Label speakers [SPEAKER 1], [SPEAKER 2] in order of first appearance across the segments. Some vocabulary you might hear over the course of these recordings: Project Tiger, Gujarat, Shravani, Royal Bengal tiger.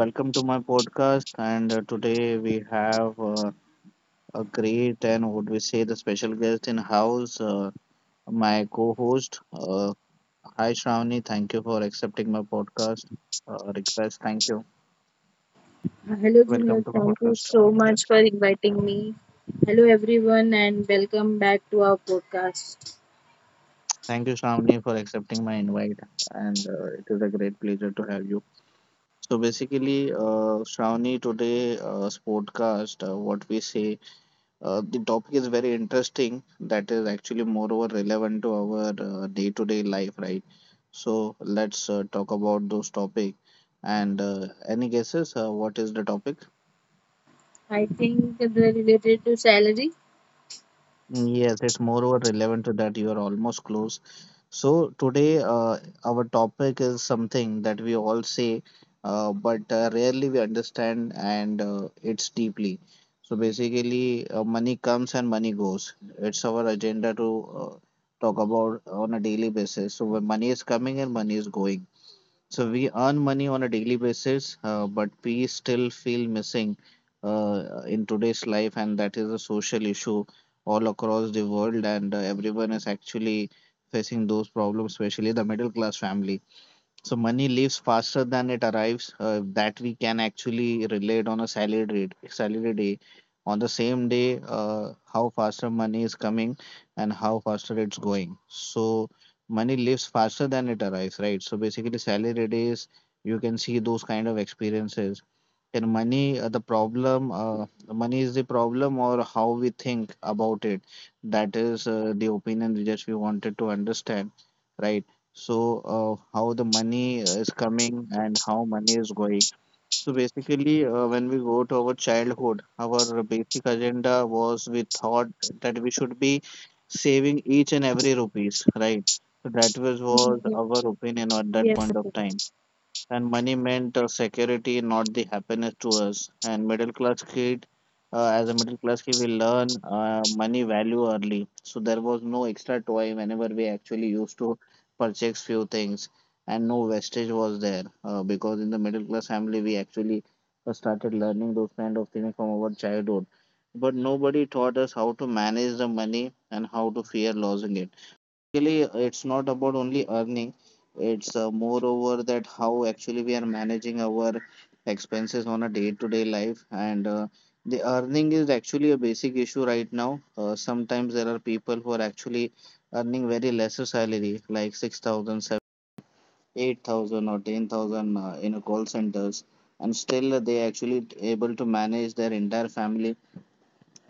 [SPEAKER 1] Welcome to my podcast. And today we have a great and would we say the special guest in house, my co host. Hi, Shravani. Thank you for accepting my podcast request. Thank you.
[SPEAKER 2] Hello,
[SPEAKER 1] Welcome
[SPEAKER 2] Junaid.
[SPEAKER 1] to my
[SPEAKER 2] Thank you
[SPEAKER 1] podcast.
[SPEAKER 2] so
[SPEAKER 1] Yeah.
[SPEAKER 2] much for inviting me. Hello, everyone, and welcome back to our podcast.
[SPEAKER 1] Thank you, Shravani, for accepting my invite. And it is a great pleasure to have you. So, basically, Shravani, today, podcast, what we say the topic is very interesting. That is actually moreover relevant to our day-to-day life, right? So let's talk about those topic. And any guesses? What is the topic?
[SPEAKER 2] I think the related to salary.
[SPEAKER 1] Yes, it's moreover relevant to that. You are almost close. So today, our topic is something that we all say, but rarely we understand, and it's deeply. So basically, money comes and money goes. It's our agenda to uh, talk about on a daily basis. So when money is coming and money is going. So we earn money on a daily basis, but we still feel missing in today's life, and that is a social issue all across the world, and everyone is actually facing those problems, especially the middle class family. So money leaves faster than it arrives. That we can actually relate on a salary rate, salary day. On the same day, how faster money is coming and how faster it's going. So money leaves faster than it arrives, right? So basically, salary days you can see those kind of experiences can money the problem? Money is the problem, or how we think about it? That is the opinion we wanted to understand, right? So, how the money is coming and how money is going. So basically, when we go to our childhood, our basic agenda was we thought that we should be saving each and every rupees, right? So that was
[SPEAKER 2] Mm-hmm.
[SPEAKER 1] our opinion at that
[SPEAKER 2] Yes.
[SPEAKER 1] point of time, and money meant security, not the happiness to us. And middle class kid, As a middle class kid, we learn money value early. So there was no extra toy whenever we actually used to purchase few things, and no wastage was there because in the middle class family we actually started learning those kind of things from our childhood. But nobody taught us how to manage the money and how to fear losing it. Basically, it's not about only earning, it's moreover that how actually we are managing our expenses on a day-to-day life. And the earning is actually a basic issue right now. Sometimes there are people who are actually earning very lesser salary, like 6,000, 8,000 or 10,000 in a call centers, and still they actually able to manage their entire family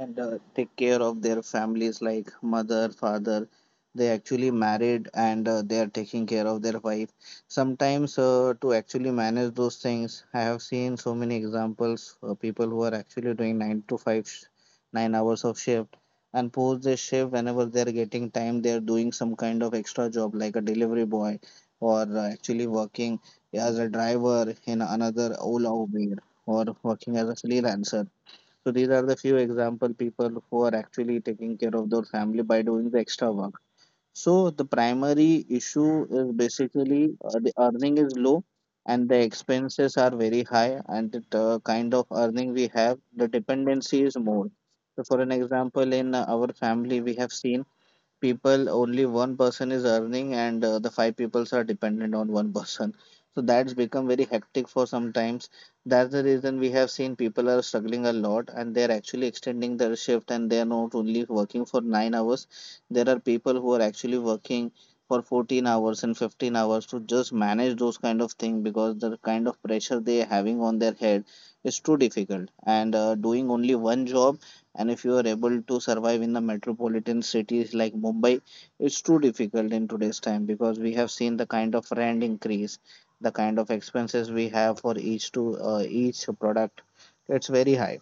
[SPEAKER 1] and take care of their families like mother, father. They actually married and they are taking care of their wife. Sometimes, to actually manage those things, I have seen so many examples of people who are actually doing 9 to 5, 9 hours of shift, and post their shift, whenever they are getting time, they are doing some kind of extra job like a delivery boy, or actually working as a driver in another Ola, Uber, or working as a freelancer. So these are the few example people who are actually taking care of their family by doing the extra work. So the primary issue is basically the earning is low and the expenses are very high, and the kind of earning we have, the dependency is more. So for an example, in our family, we have seen people, only one person is earning and the five peoples are dependent on one person. So that's become very hectic for sometimes. That's the reason we have seen people are struggling a lot, and they're actually extending their shift, and they're not only working for 9 hours. There are people who are actually working for 14 hours and 15 hours to just manage those kind of thing, because the kind of pressure they're having on their head is too difficult, and doing only one job, and if you are able to survive in the metropolitan cities like Mumbai, it's too difficult in today's time, because we have seen the kind of rent increase, the kind of expenses we have for each product. It's very high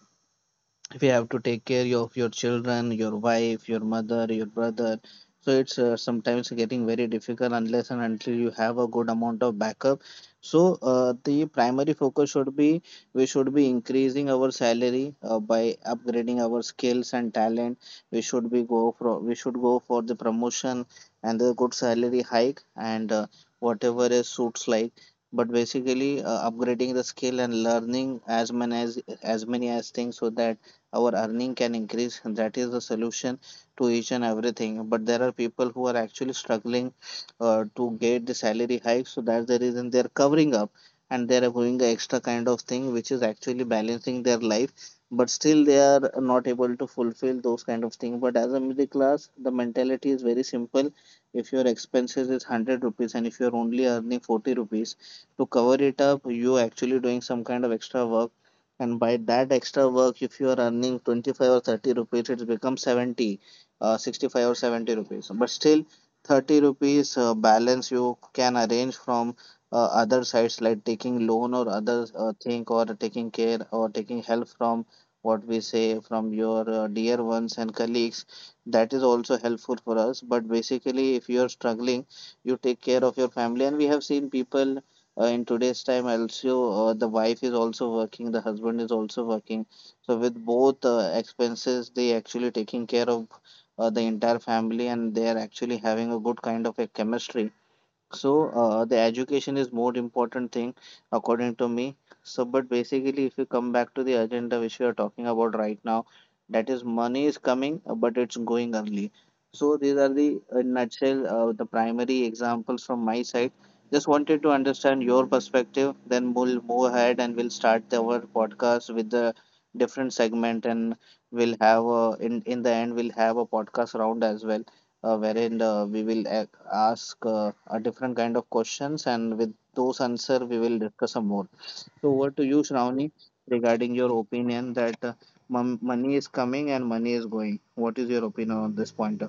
[SPEAKER 1] if you have to take care of your children, your wife, your mother, your brother, so it's sometimes getting very difficult unless and until you have a good amount of backup. So the primary focus should be, we should be increasing our salary by upgrading our skills and talent. We should go for the promotion and the good salary hike, and whatever is suits like, but basically upgrading the skill and learning as many as things, so that our earning can increase. That is the solution to each and everything. But there are people who are actually struggling to get the salary hike, so that's the reason they're covering up and they're doing the extra kind of thing which is actually balancing their life. But still, they are not able to fulfill those kind of things. But as a middle class, the mentality is very simple. If your expenses is 100 rupees and if you're only earning 40 rupees, to cover it up, you actually doing some kind of extra work, and by that extra work, if you are earning 25 or 30 rupees, it becomes 70, 65 or 70 rupees. But still, 30 rupees balance you can arrange from other sides like taking loan or other thing, or taking care or taking help from, what we say, from your dear ones and colleagues. That is also helpful for us. But basically, if you are struggling, you take care of your family. And we have seen people in today's time also, the wife is also working, the husband is also working, so with both expenses they actually taking care of the entire family, and they are actually having a good kind of a chemistry. So the education is more important thing according to me. So but basically, if you come back to the agenda which we are talking about right now, that is money is coming but it's going early. So these are the, in nutshell, the primary examples from my side. Just wanted to understand your perspective. Then we'll move ahead and we'll start our podcast with the different segment, and we'll have a, in the end we'll have a podcast round as well, wherein we will ask a different kind of questions, and with those answer we will discuss some more. So over to you, Shravani, regarding your opinion that money is coming and money is going. What is your opinion on this point?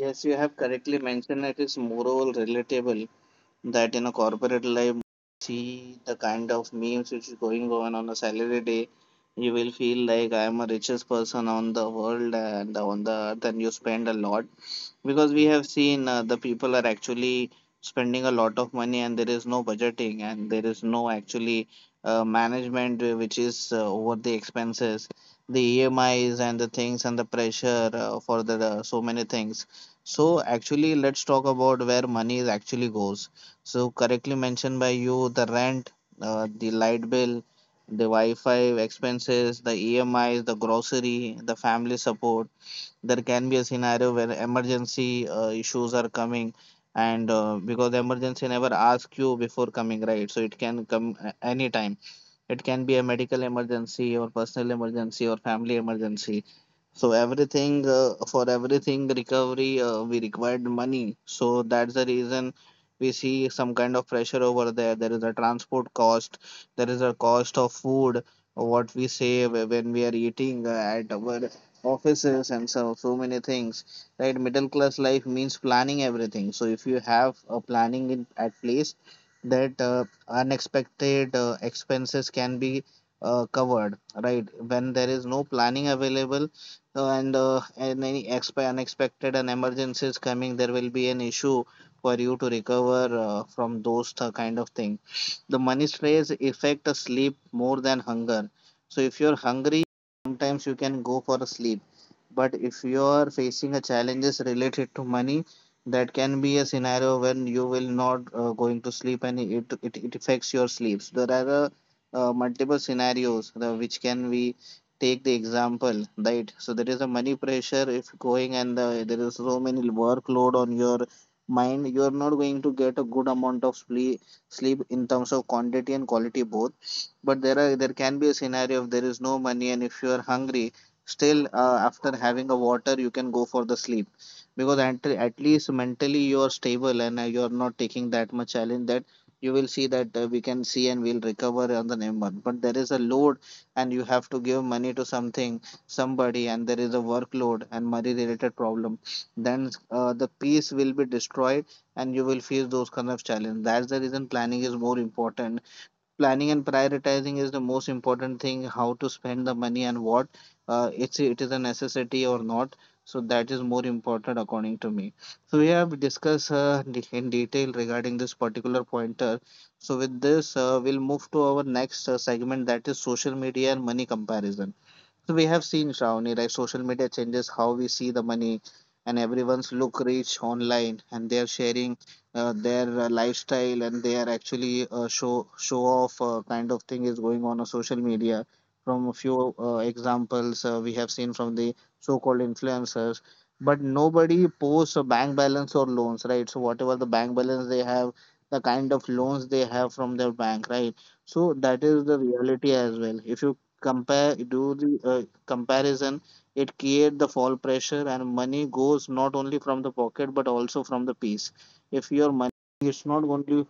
[SPEAKER 1] Yes, you have correctly mentioned it is moral relatable that in a corporate life, see the kind of memes which is going on a salary day. You will feel like I am a richest person on the world and on the earth, and you spend a lot because we have seen the people are actually spending a lot of money, and there is no budgeting and there is no actually management which is over the expenses, the EMIs and the things, and the pressure for the so many things. So actually, let's talk about where money is actually goes. So correctly mentioned by you, the rent, the light bill, the Wi-Fi expenses, the EMIs, the grocery, the family support. There can be a scenario where emergency issues are coming, and because the emergency never asks you before coming, right? So it can come anytime. It can be a medical emergency or personal emergency or family emergency. So everything, for everything recovery, we required money. So that's the reason we see some kind of pressure over there. There is a transport cost. There is a cost of food. What we save when we are eating at our offices, and so so many things. Right, middle class life means planning everything. So if you have a planning in at place that unexpected expenses can be covered, right? When there is no planning available, and any unexpected and emergencies coming, there will be an issue for you to recover from those kind of thing. The money stress affect a sleep more than hunger. So if you're hungry sometimes you can go for a sleep, but if you are facing a challenges related to money, that can be a scenario when you will not going to sleep, and it affects your sleeps. There are multiple scenarios, which can we take the example, right? So there is a money pressure if going, and there is so many workload on your mind, you are not going to get a good amount of sleep in terms of quantity and quality both. But there can be a scenario if there is no money, and if you are hungry still, after having a water you can go for the sleep, because at least mentally you are stable, and you are not taking that much challenge, that you will see that we can see and we'll recover on the next month. But there is a load, and you have to give money to something somebody, and there is a workload and money related problem, then the peace will be destroyed, and you will face those kind of challenge. That's the reason planning is more important. Planning and prioritizing is the most important thing, how to spend the money and what, it is a necessity or not. So that is more important according to me. So we have discussed, in detail regarding this particular pointer. So with this we'll move to our next segment, that is social media and money comparison. So we have seen, Shravani, like social media changes how we see the money, and everyone's look rich online, and they are sharing their lifestyle, and they are actually show off kind of thing is going on social media. From a few examples we have seen from the so-called influencers, but nobody posts a bank balance or loans, right? So whatever the bank balance they have, the kind of loans they have from their bank, right? So that is the reality as well. If you compare, do the comparison, it create the fall pressure, and money goes not only from the pocket but also from the piece. If your money is not only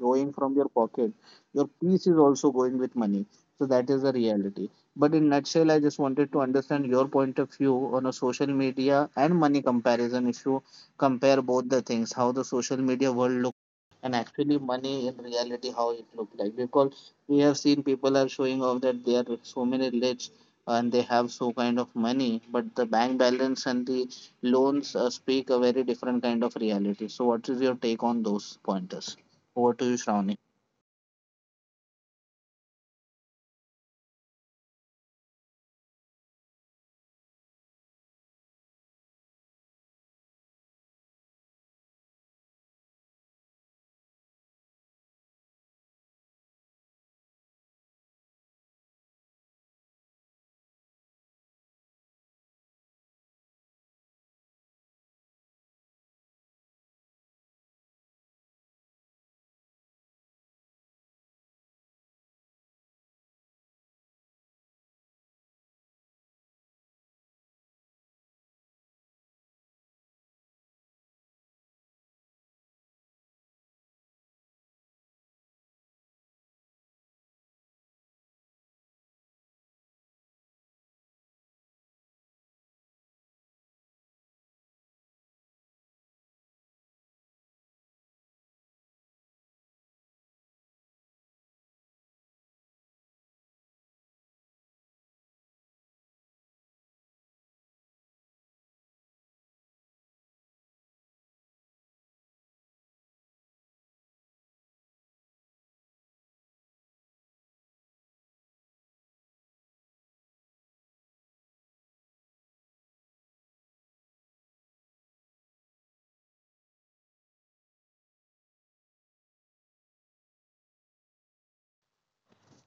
[SPEAKER 1] going from your pocket, your piece is also going with money. So that is the reality, but in nutshell, I just wanted to understand your point of view on a social media and money comparison. If you compare both the things, how the social media world looks and actually money in reality how it looked like. Because we have seen people are showing off that they are so many rich and they have so kind of money, but the bank balance and the loans speak a very different kind of reality. So what is your take on those pointers? Over to you, Shravani.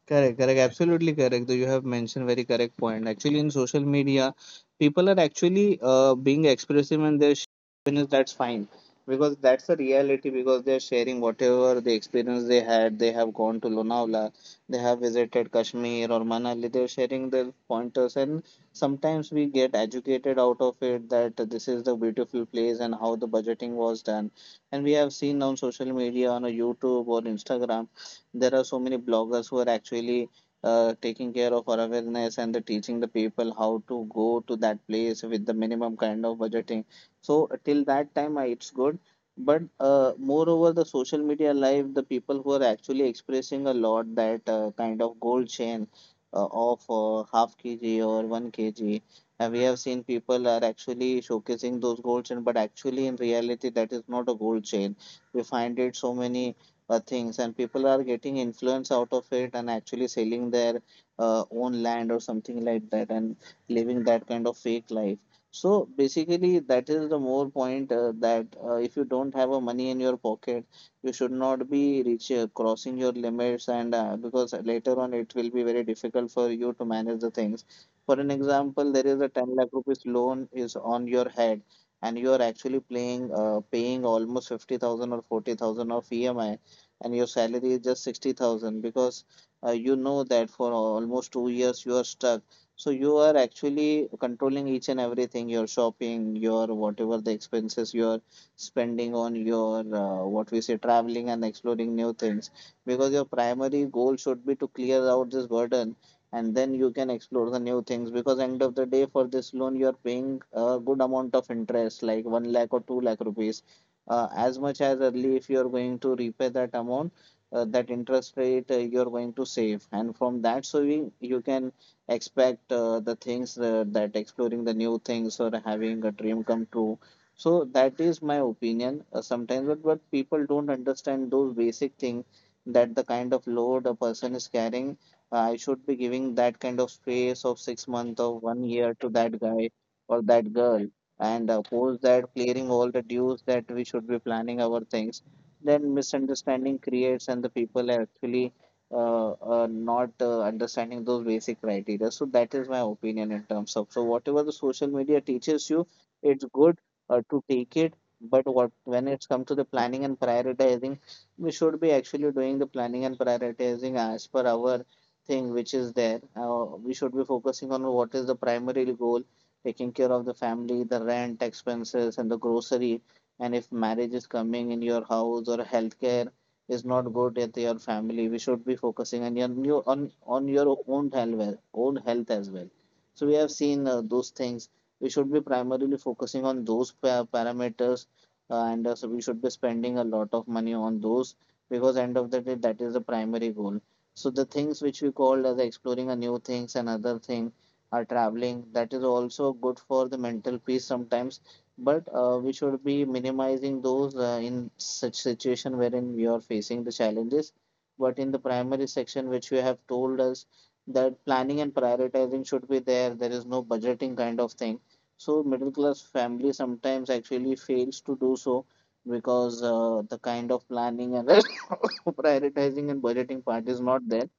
[SPEAKER 1] Correct, correct, absolutely correct. Though, you have mentioned very correct point. Actually, in social media, people are actually being expressive and they're sharing. That's fine because that's the reality. Because they're sharing whatever the experience they had. They have gone to Lonavala, they have visited Kashmir or Manali. They're sharing their pointers, and sometimes we get educated out of it that this is the beautiful place and how the budgeting was done. And we have seen on social media, on a YouTube or Instagram, there are so many bloggers who are actually taking care of awareness and the teaching the people how to go to that place with the minimum kind of budgeting. So till that time it's good, but moreover the social media live, the people who are actually expressing a lot that kind of gold chain of half kg or 1 kg, and we have seen people are actually showcasing those gold chain, but actually in reality that is not a gold chain. We find it so many things, and people are getting influence out of it and actually selling their own land or something like that and living that kind of fake life. So basically that is the more point, that if you don't have a money in your pocket, you should not be reach, crossing your limits, and because later on it will be very difficult for you to manage the things. For an example, there is a 10 lakh rupees loan is on your head, and you are actually playing paying almost 50,000 or 40,000 of emi, and your salary is just 60,000. Because you know that for almost 2 years you are stuck. So you are actually controlling each and everything, your shopping, your whatever the expenses you are spending on your what we say traveling and exploring new things, because your primary goal should be to clear out this burden, and then you can explore the new things. Because end of the day, for this loan you are paying a good amount of interest like 1 lakh or 2 lakh rupees, as much as early if you're going to repay that amount, that interest rate, you're going to save, and from that saving you can expect the things that exploring the new things or having a dream come true. So that is my opinion, sometimes, but people don't understand those basic things, that the kind of load a person is carrying, I should be giving that kind of space of 6 months or one year to that guy or that girl, and post that clearing all the dues, that we should be planning our things. Then misunderstanding creates, and the people are actually not understanding those basic criteria. So that is my opinion in terms of. So whatever the social media teaches you, it's good to take it. But what when it's come to the planning and prioritizing, we should be actually doing the planning and prioritizing as per our thing which is there. We should be focusing on what is the primary goal, taking care of the family, the rent, expenses, and the grocery. And if marriage is coming in your house or healthcare is not good at your family, we should be focusing on your on your own health, well, own health as well. So we have seen those things. We should be primarily focusing on those parameters, and so we should be spending a lot of money on those, because end of the day that is the primary goal. So the things which we called as exploring a new things and other thing are traveling. That is also good for the mental peace sometimes. But we should be minimizing those in such situation wherein we are facing the challenges. But in the primary section, which you have told us, that planning and prioritizing should be there. There is no budgeting kind of thing. So middle class family sometimes actually fails to do so, because the kind of planning and prioritizing and budgeting part is not there.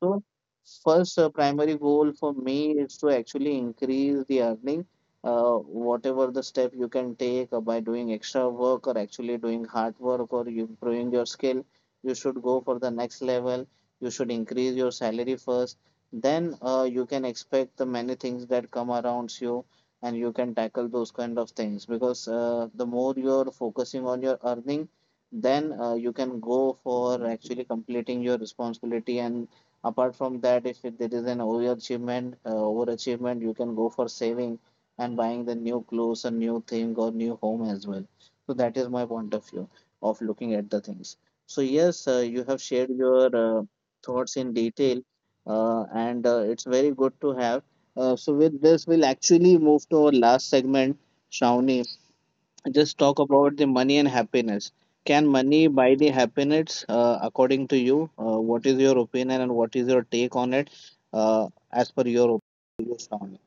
[SPEAKER 1] So first primary goal for me is to actually increase the earning, uh, whatever the step you can take, by doing extra work or actually doing hard work or you improving your skill, you should go for the next level. You should increase your salary first. Then you can expect the many things that come around you, and you can tackle those kind of things, because the more you're focusing on your earning, then you can go for actually completing your responsibility. And apart from that, if there is an overachievement, you can go for saving and buying the new clothes, a new thing, or new home as well. So that is my point of view of looking at the things. So yes, you have shared your thoughts in detail, and it's very good to have. So with this, we'll actually move to our last segment, Shawnee. Just talk about the money and happiness. Can money buy the happiness, according to you? What is your opinion and what is your take on it, as per your opinion?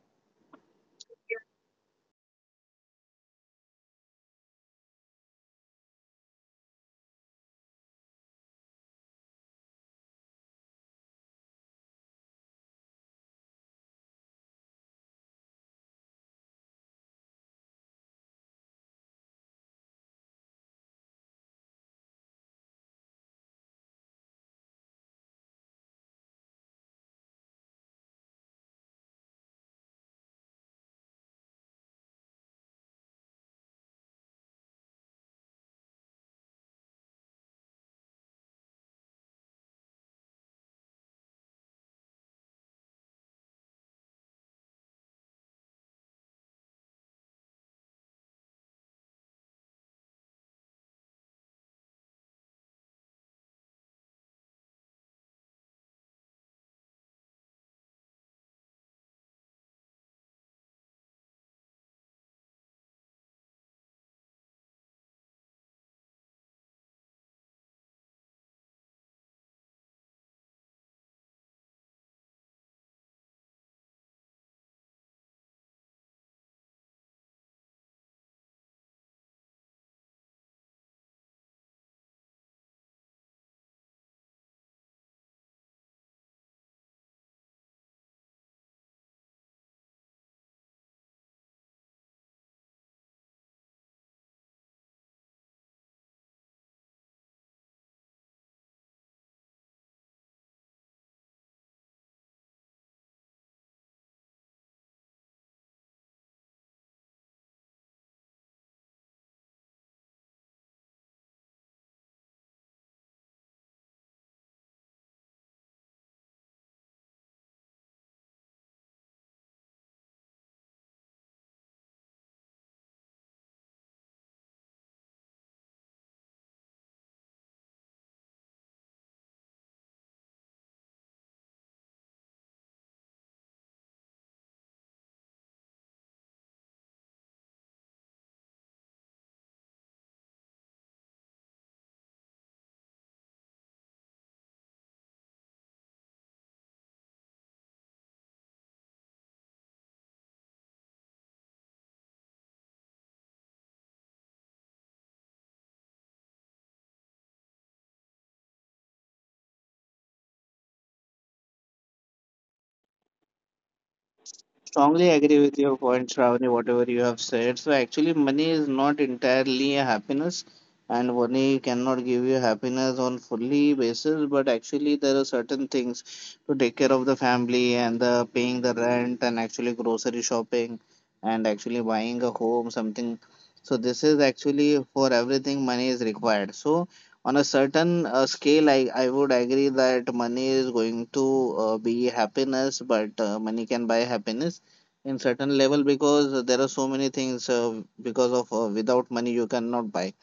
[SPEAKER 1] Strongly agree with your point, Shravani, whatever you have said. So actually, money is not entirely a happiness, and money cannot give you happiness on fully basis. But actually, there are certain things to take care of the family and the paying the rent and actually grocery shopping and actually buying a home, something. So this is actually for everything money is required. So on a certain scale, I would agree that money is going to be happiness, but money can buy happiness in certain level, because there are so many things because of without money you cannot buy,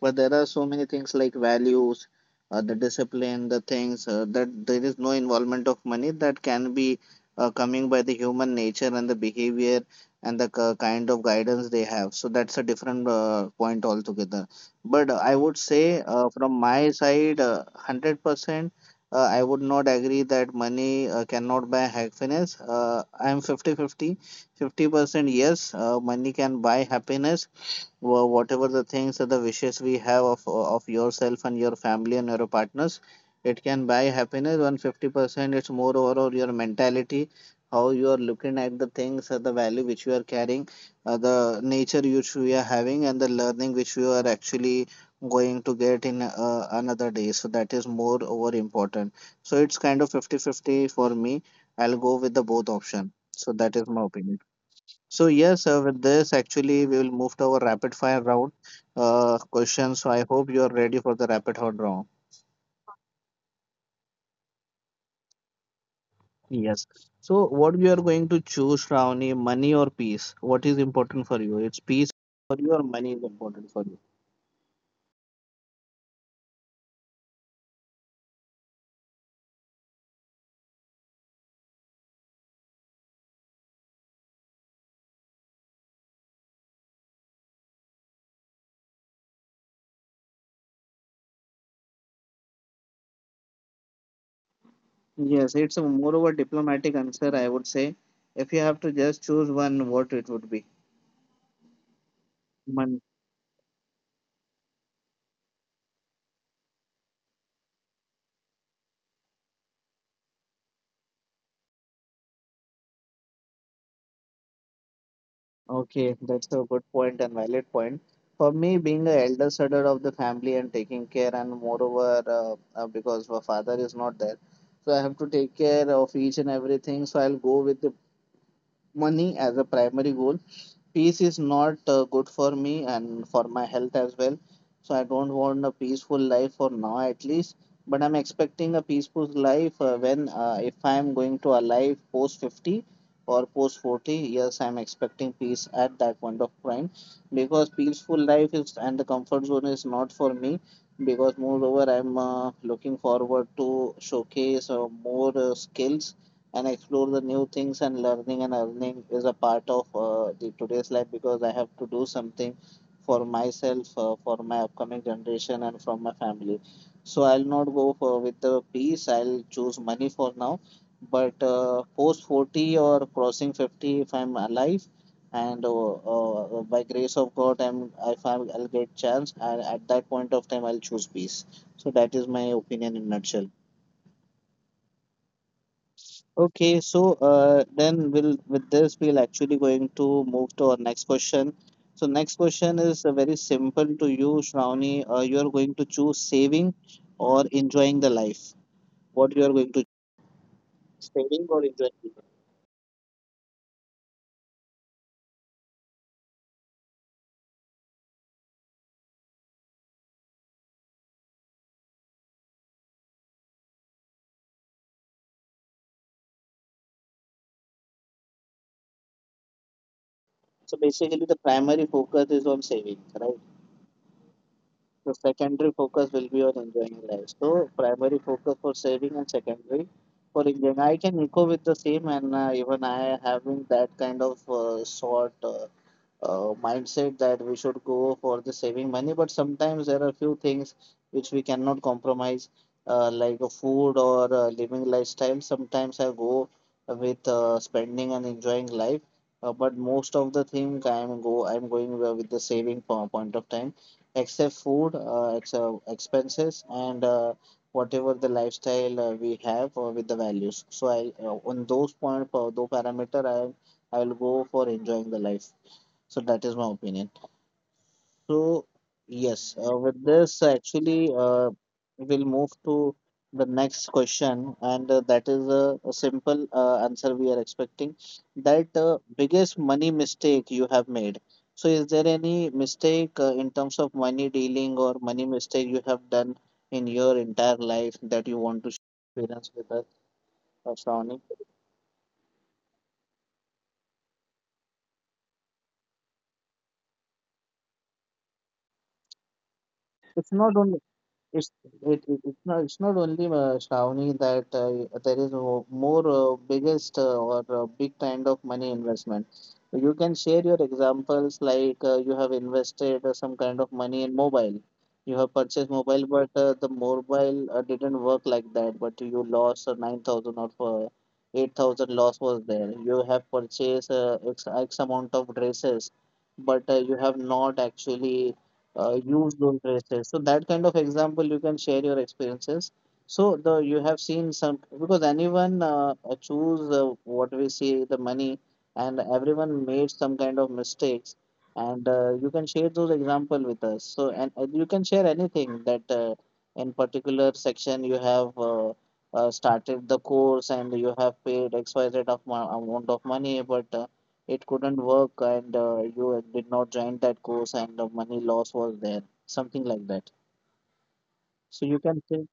[SPEAKER 1] but there are so many things like values, the discipline, the things that there is no involvement of money that can be coming by the human nature and the behavior and the kind of guidance they have. So that's a different point altogether. But I would say from my side, 100%, I would not agree that money cannot buy happiness. I am 50-50. 50 50% yes, money can buy happiness, whatever the things or the wishes we have of yourself and your family and your partners. It can buy happiness 150%. It's more over your mentality, how you are looking at the things or the value which you are carrying, the nature which we are having and the learning which you are actually going to get in another day. So that is more over important. So it's kind of 50 50 for me. I'll go with the both option. So that is my opinion. So yes, with this actually we will move to our rapid fire round questions. So I hope you are ready for the rapid hot round. Yes. So what we are going to choose, Ravani, money or peace? What is important for you? It's peace for you or money is important for you? Yes, it's a more of a diplomatic answer, I would say. If you have to just choose one, what it would be? Okay, that's a good point and valid point. For me, being an elder brother of the family and taking care, and moreover, because my father is not there, so I have to take care of each and everything. So I'll go with the money as a primary goal. Peace is not good for me and for my health as well. So I don't want a peaceful life for now at least. But I'm expecting a peaceful life when if I'm going to alive post 50 or post 40. Yes, I'm expecting peace at that point of time, because peaceful life is and the comfort zone is not for me, because moreover I'm looking forward to showcase more skills and explore the new things, and learning and earning is a part of the today's life, because I have to do something for myself, for my upcoming generation and from my family. So I'll not go for with the peace. I'll choose money for now, but post 40 or crossing 50, if I'm alive, and by grace of god, I'm if I'm, I'll get chance. And at that point of time I'll choose peace. So that is my opinion in nutshell. Okay, so then we'll with this we'll actually going to move to our next question. So next question is very simple to you, Shravani. You are going to choose saving or enjoying the life. What you are going to, saving or enjoying the life? So basically, the primary focus is on saving, right? The secondary focus will be on enjoying life. So primary focus for saving and secondary for enjoying. I can echo with the same, and even I having that kind of sort, mindset that we should go for the saving money, but sometimes there are few things which we cannot compromise, like a food or a living lifestyle. Sometimes I go with spending and enjoying life, but most of the thing I'm going with the saving point of time, except food, expenses, and whatever the lifestyle we have with the values. So I, on those point, those parameter, I will go for enjoying the life. So that is my opinion. So yes, with this actually we'll move to the next question, and that is a simple answer we are expecting. That biggest money mistake you have made. So is there any mistake in terms of money dealing or money mistake you have done in your entire life that you want to share experience with us, Shravani? It's not only It's it, it, it's not only Shravani that there is more biggest or big kind of money investment. You can share your examples like you have invested some kind of money in mobile. You have purchased mobile, but the mobile didn't work like that. But you lost 9,000 or 8,000 loss was there. You have purchased X, X amount of dresses, but you have not actually use those dresses. So that kind of example, you can share your experiences. So the you have seen some, because anyone choose what we see the money, and everyone made some kind of mistakes, and you can share those example with us. So and you can share anything that in particular section you have started the course and you have paid XYZ of amount of money, but it couldn't work, and you did not join that course, and the money loss was there, something like that. So you can say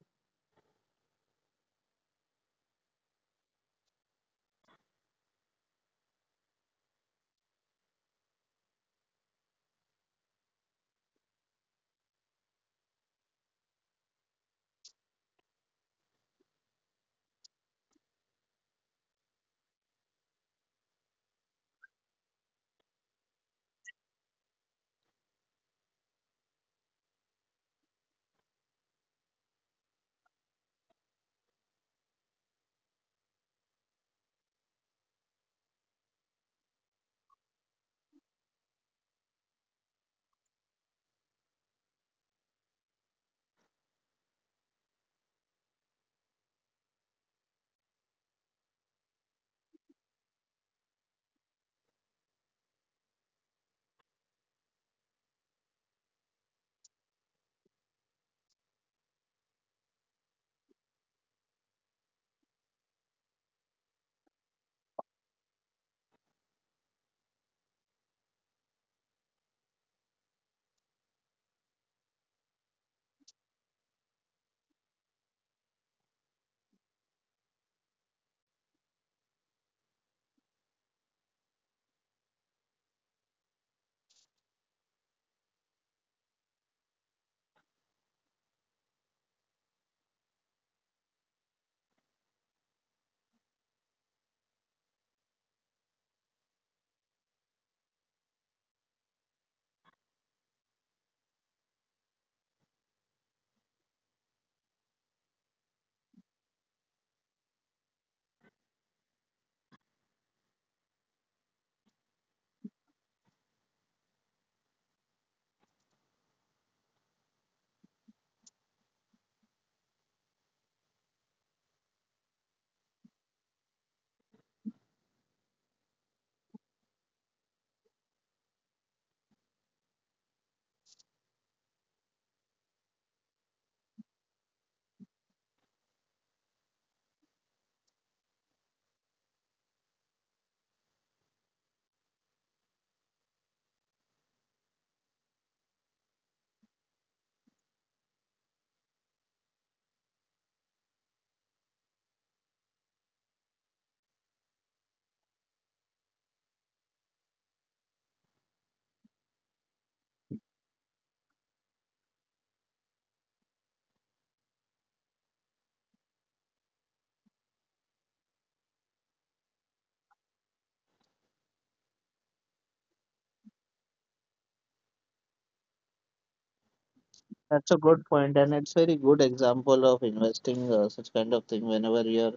[SPEAKER 1] that's a good point, and it's very good example of investing such kind of thing whenever you're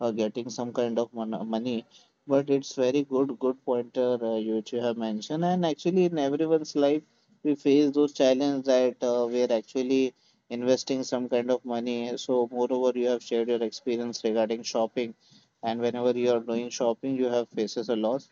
[SPEAKER 1] getting some kind of money. But it's very good, good pointer which you have mentioned. And actually, in everyone's life, we face those challenges that we are actually investing some kind of money. So, moreover, you have shared your experience regarding shopping, and whenever you are doing shopping, you have faces a loss.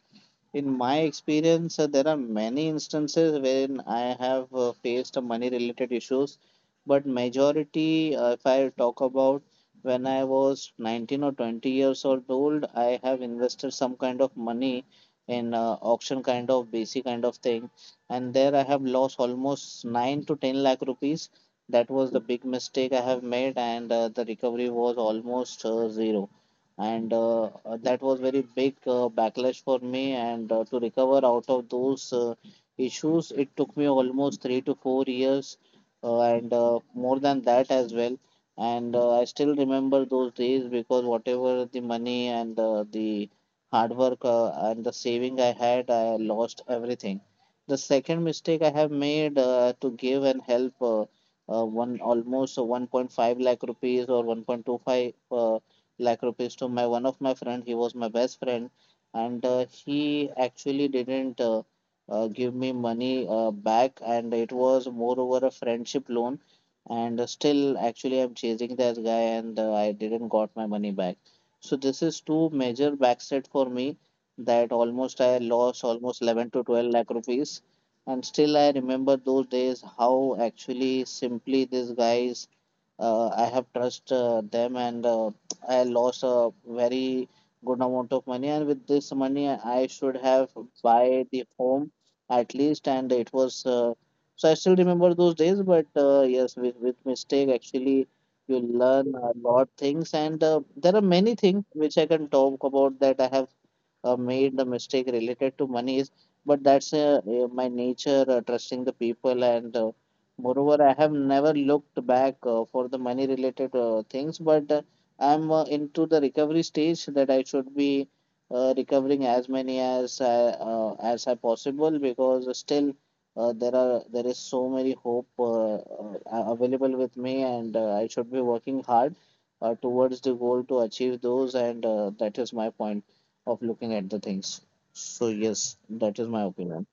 [SPEAKER 1] In my experience, there are many instances when I have faced money related issues, but majority, if I talk about when I was 19 or 20 years old, I have invested some kind of money in auction kind of basic kind of thing, and there I have lost almost 9 to 10 lakh rupees. That was the big mistake I have made, and the recovery was almost zero, and that was very big backlash for me, and to recover out of those issues it took me almost 3 to 4 years, and more than that as well, and I still remember those days, because whatever the money and the hard work and the saving I had, I lost everything. The second mistake I have made, to give and help one almost 1.5 lakh rupees or 1.25 lakh rupees to my one of my friend. He was my best friend, and he actually didn't give me money back, and it was moreover a friendship loan. And still, actually, I'm chasing that guy, and I didn't got my money back. So this is two major backset for me, that almost I lost almost 11 to 12 lakh rupees. And still, I remember those days, how actually simply these guys, I have trust them, and I lost a very good amount of money, and with this money I should have buy the home at least, and it was so I still remember those days. But yes, with mistake actually you learn a lot things, and there are many things which I can talk about, that I have made the mistake related to money is, but that's my nature, trusting the people, and moreover I have never looked back for the money related things, but I'm into the recovery stage, that I should be recovering as many as as I possible, because still there is so many hope available with me, and I should be working hard towards the goal to achieve those, and that is my point of looking at the things. So yes, that is my opinion.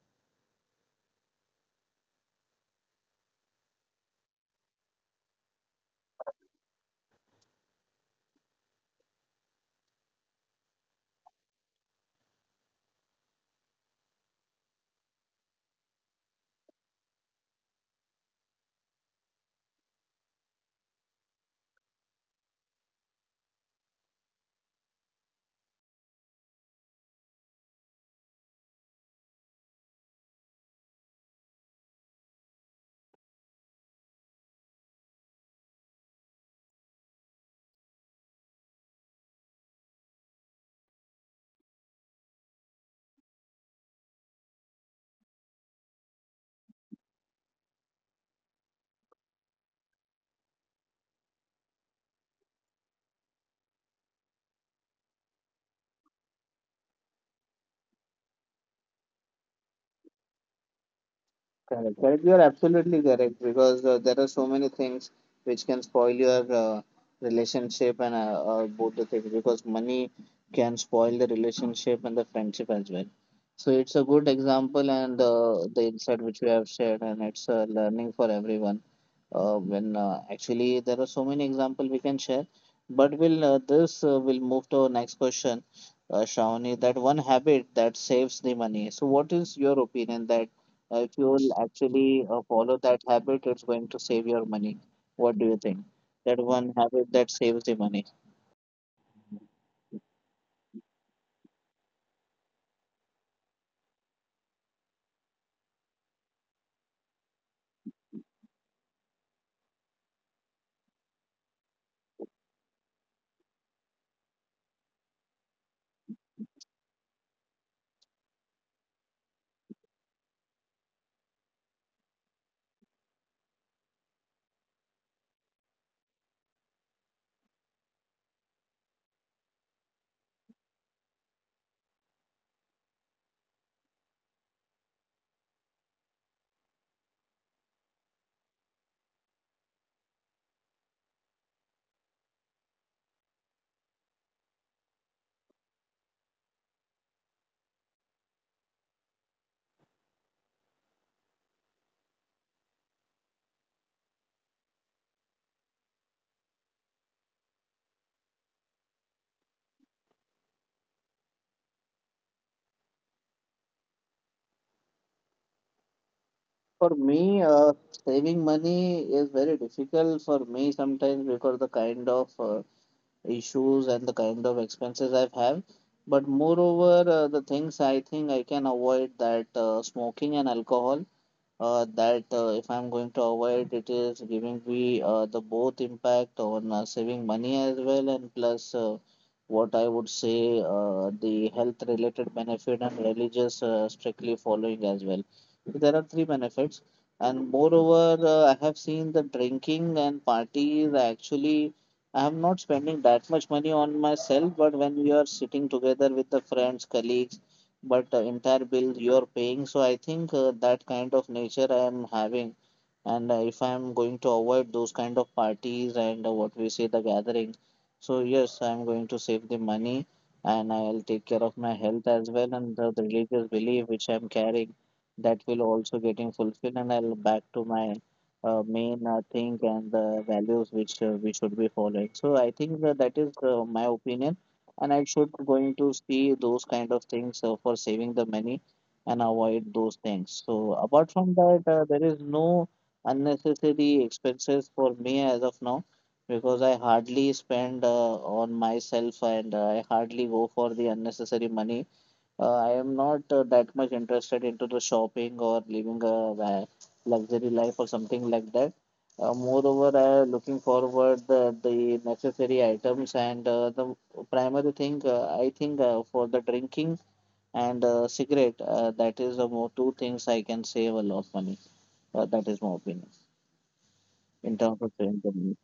[SPEAKER 1] Correct, correct. You are absolutely correct, because there are so many things which can spoil your relationship and both the things, because money can spoil the relationship and the friendship as well. So it's a good example, and the insight which we have shared, and it's a learning for everyone. When actually there are so many examples we can share, but will this will move to our next question, Shravani. That one habit that saves the money. So what is your opinion, that if you will actually follow that habit it's going to save your money? What do you think that one habit that saves the money? For me saving money is very difficult for me sometimes, because the kind of issues and the kind of expenses I've have. But moreover, the things I think I can avoid, that smoking and alcohol, that if I'm going to avoid, it is giving me the both impact on saving money as well, and plus what I would say, the health related benefit and religious strictly following as well. So there are three benefits, and moreover, I have seen the drinking and parties actually. I am not spending that much money on myself, but when we are sitting together with the friends, colleagues, but the entire bill you are paying. So I think that kind of nature I am having, and if I am going to avoid those kind of parties and what we say, the gathering, so yes, I am going to save the money and I'll take care of my health as well, and the religious belief which I am carrying, that will also getting fulfilled, and I'll back to my main thing and the values which we should be following. So I think that, that is my opinion and I should going to see those kind of things for saving the money and avoid those things. So apart from that, there is no unnecessary expenses for me as of now, because I hardly spend on myself and I hardly go for the unnecessary money. I am not that much interested into the shopping or living a luxury life or something like that. Moreover, I am looking forward the necessary items, and the primary thing, I think for the drinking and cigarette, that is the more two things I can save a lot of money. That is my opinion in terms of saving the money.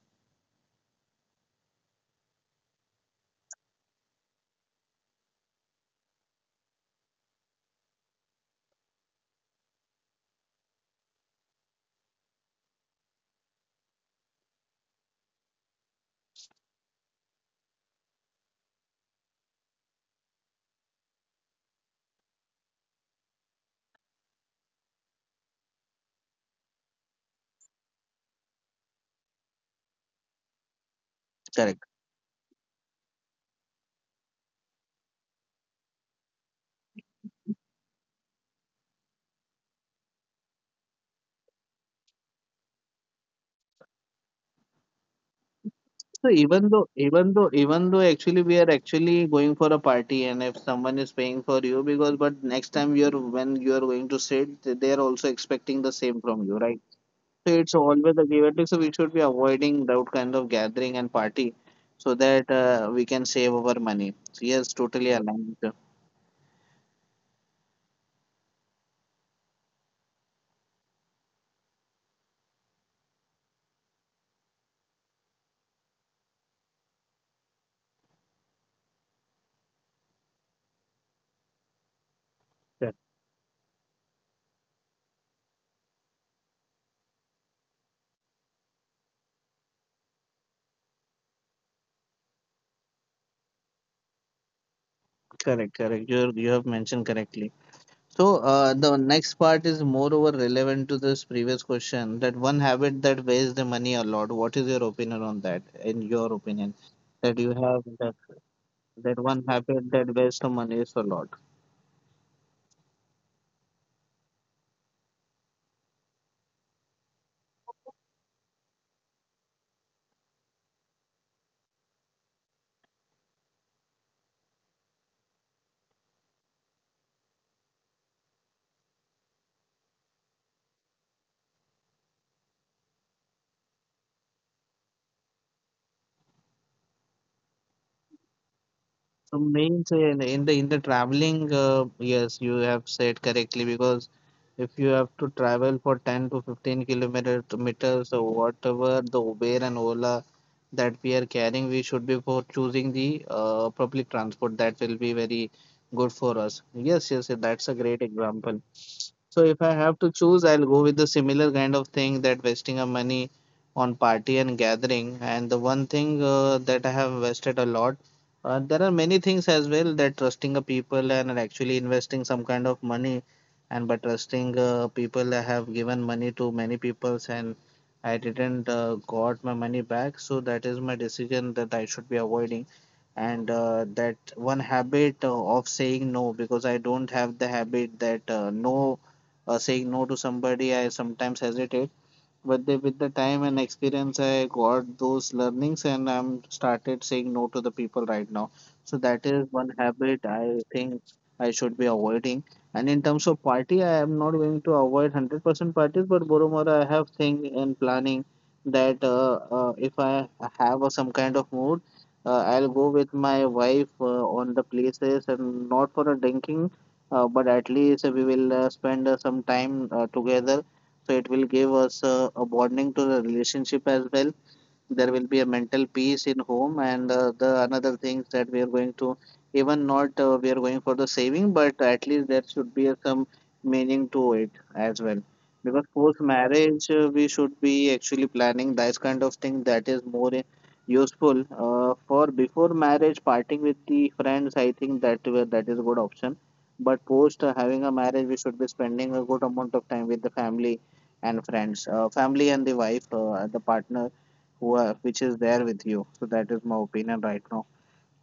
[SPEAKER 1] So even though actually we are actually going for a party, and if someone is paying for you, because but next time you're, when you're going to sit, they are also expecting the same from you, right? So it's always a give and take, so we should be avoiding that kind of gathering and party, so that we can save our money. So yes, totally aligned. Correct. Correct. You have mentioned correctly. So the next part is moreover relevant to this previous question, that one habit that wastes the money a lot. What is your opinion on that? In your opinion, that you have, that one habit that wastes the money is a lot. So main say in the traveling, yes, you have said correctly, because if you have to travel for 10 to 15 kilometers meters or whatever, the Uber and Ola that we are carrying, we should be for choosing the public transport, that will be very good for us. Yes, yes, yes, that's a great example. So if I have to choose, I'll go with the similar kind of thing, that wasting of money on party and gathering. And the one thing that I have wasted a lot, there are many things as well, that trusting a people and actually investing some kind of money. And by trusting people, I have given money to many peoples and I didn't got my money back. So that is my decision that I should be avoiding. And that one habit of saying no, because I don't have the habit that no, saying no to somebody, I sometimes hesitate, but they with the time and experience, I got those learnings and I'm started saying no to the people right now. So that is one habit I think I should be avoiding. And in terms of party, I am not going to avoid 100% parties, but moreover, I have thing and planning that if I have a, some kind of mood, I'll go with my wife on the places, and not for a drinking, but at least we will spend some time together, so it will give us a bonding to the relationship as well. There will be a mental peace in home, and the another things that we are going to, even not we are going for the saving, but at least there should be some meaning to it as well, because post marriage we should be actually planning that kind of thing that is more useful. For before marriage, parting with the friends, I think that were, that is a good option, but post having a marriage, we should be spending a good amount of time with the family and friends, family and the wife, the partner who are, which is there with you. So that is my opinion right now.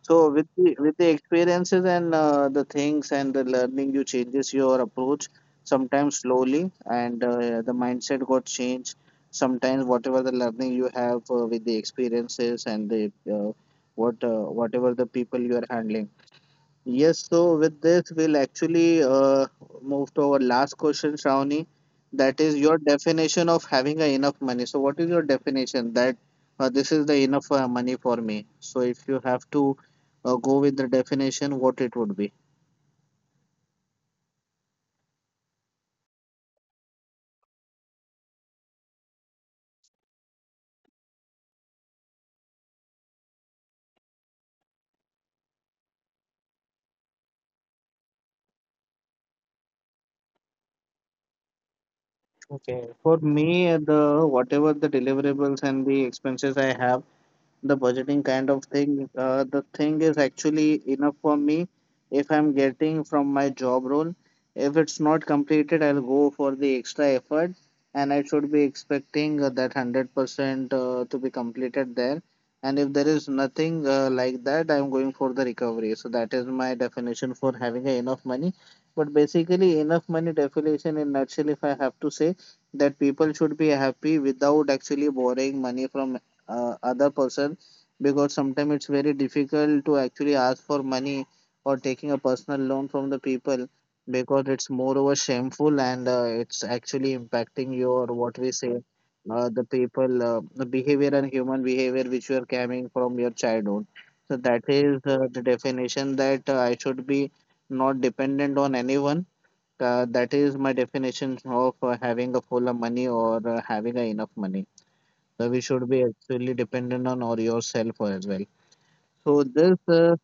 [SPEAKER 1] So with the, with the experiences and the things and the learning, you changes your approach sometimes slowly, and the mindset got changed. Sometimes whatever the learning you have with the experiences and the what whatever the people you are handling. Yes, so with this, we'll actually move to our last question, Shravani. That is your definition of having a enough money. So, what is your definition that this is the enough money for me? So, if you have to go with the definition, what it would be? Okay. For me, the whatever the deliverables and the expenses I have, the budgeting kind of thing. The thing is actually enough for me if I'm getting from my job role. If it's not completed, I'll go for the extra effort, and I should be expecting that 100% to be completed there. And if there is nothing like that, I'm going for the recovery. So that is my definition for having a enough money. But basically, enough money definition in nutshell, if I have to say, that people should be happy without actually borrowing money from other person, because sometimes it's very difficult to actually ask for money or taking a personal loan from the people, because it's moreover shameful, and it's actually impacting your, what we say, the people the behavior and human behavior which you are carrying from your childhood. So that is the definition that I should be not dependent on anyone, that is my definition of having a full of money or having a enough money. So we should be actually dependent on or yourself as well. So this is,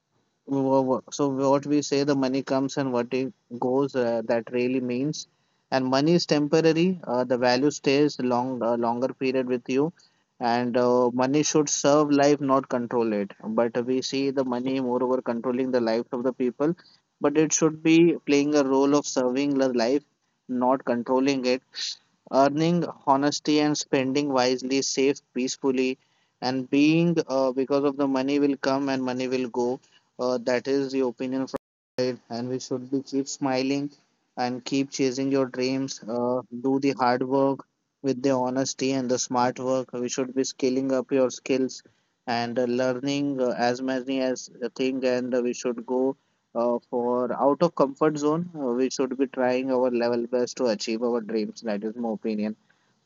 [SPEAKER 1] So what we say, the money comes and what it goes, that really means. And money is temporary. The value stays long, longer period with you. And money should serve life, not control it. But we see the money moreover controlling the lives of the people. But it should be playing a role of serving the life, not controlling it. Earning honesty and spending wisely, safe, peacefully, and being because of the money will come and money will go, that is the opinion from side, and we should be keep smiling and keep chasing your dreams. Do the hard work with the honesty and the smart work. We should be scaling up your skills and learning as many as a thing. And we should go for out of comfort zone. We should be trying our level best to achieve our dreams. That is my opinion.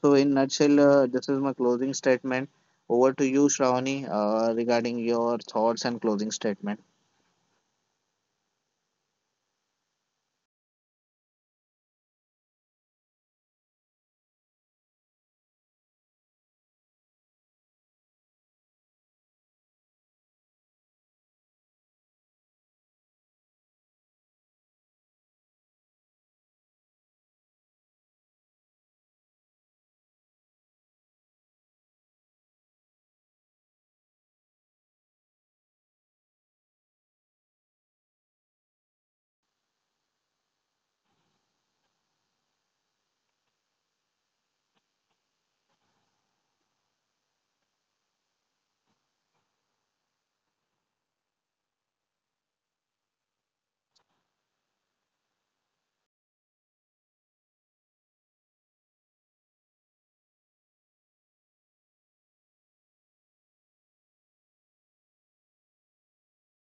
[SPEAKER 1] So in nutshell, this is my closing statement. Over to you, Shravani, regarding your thoughts and closing statement.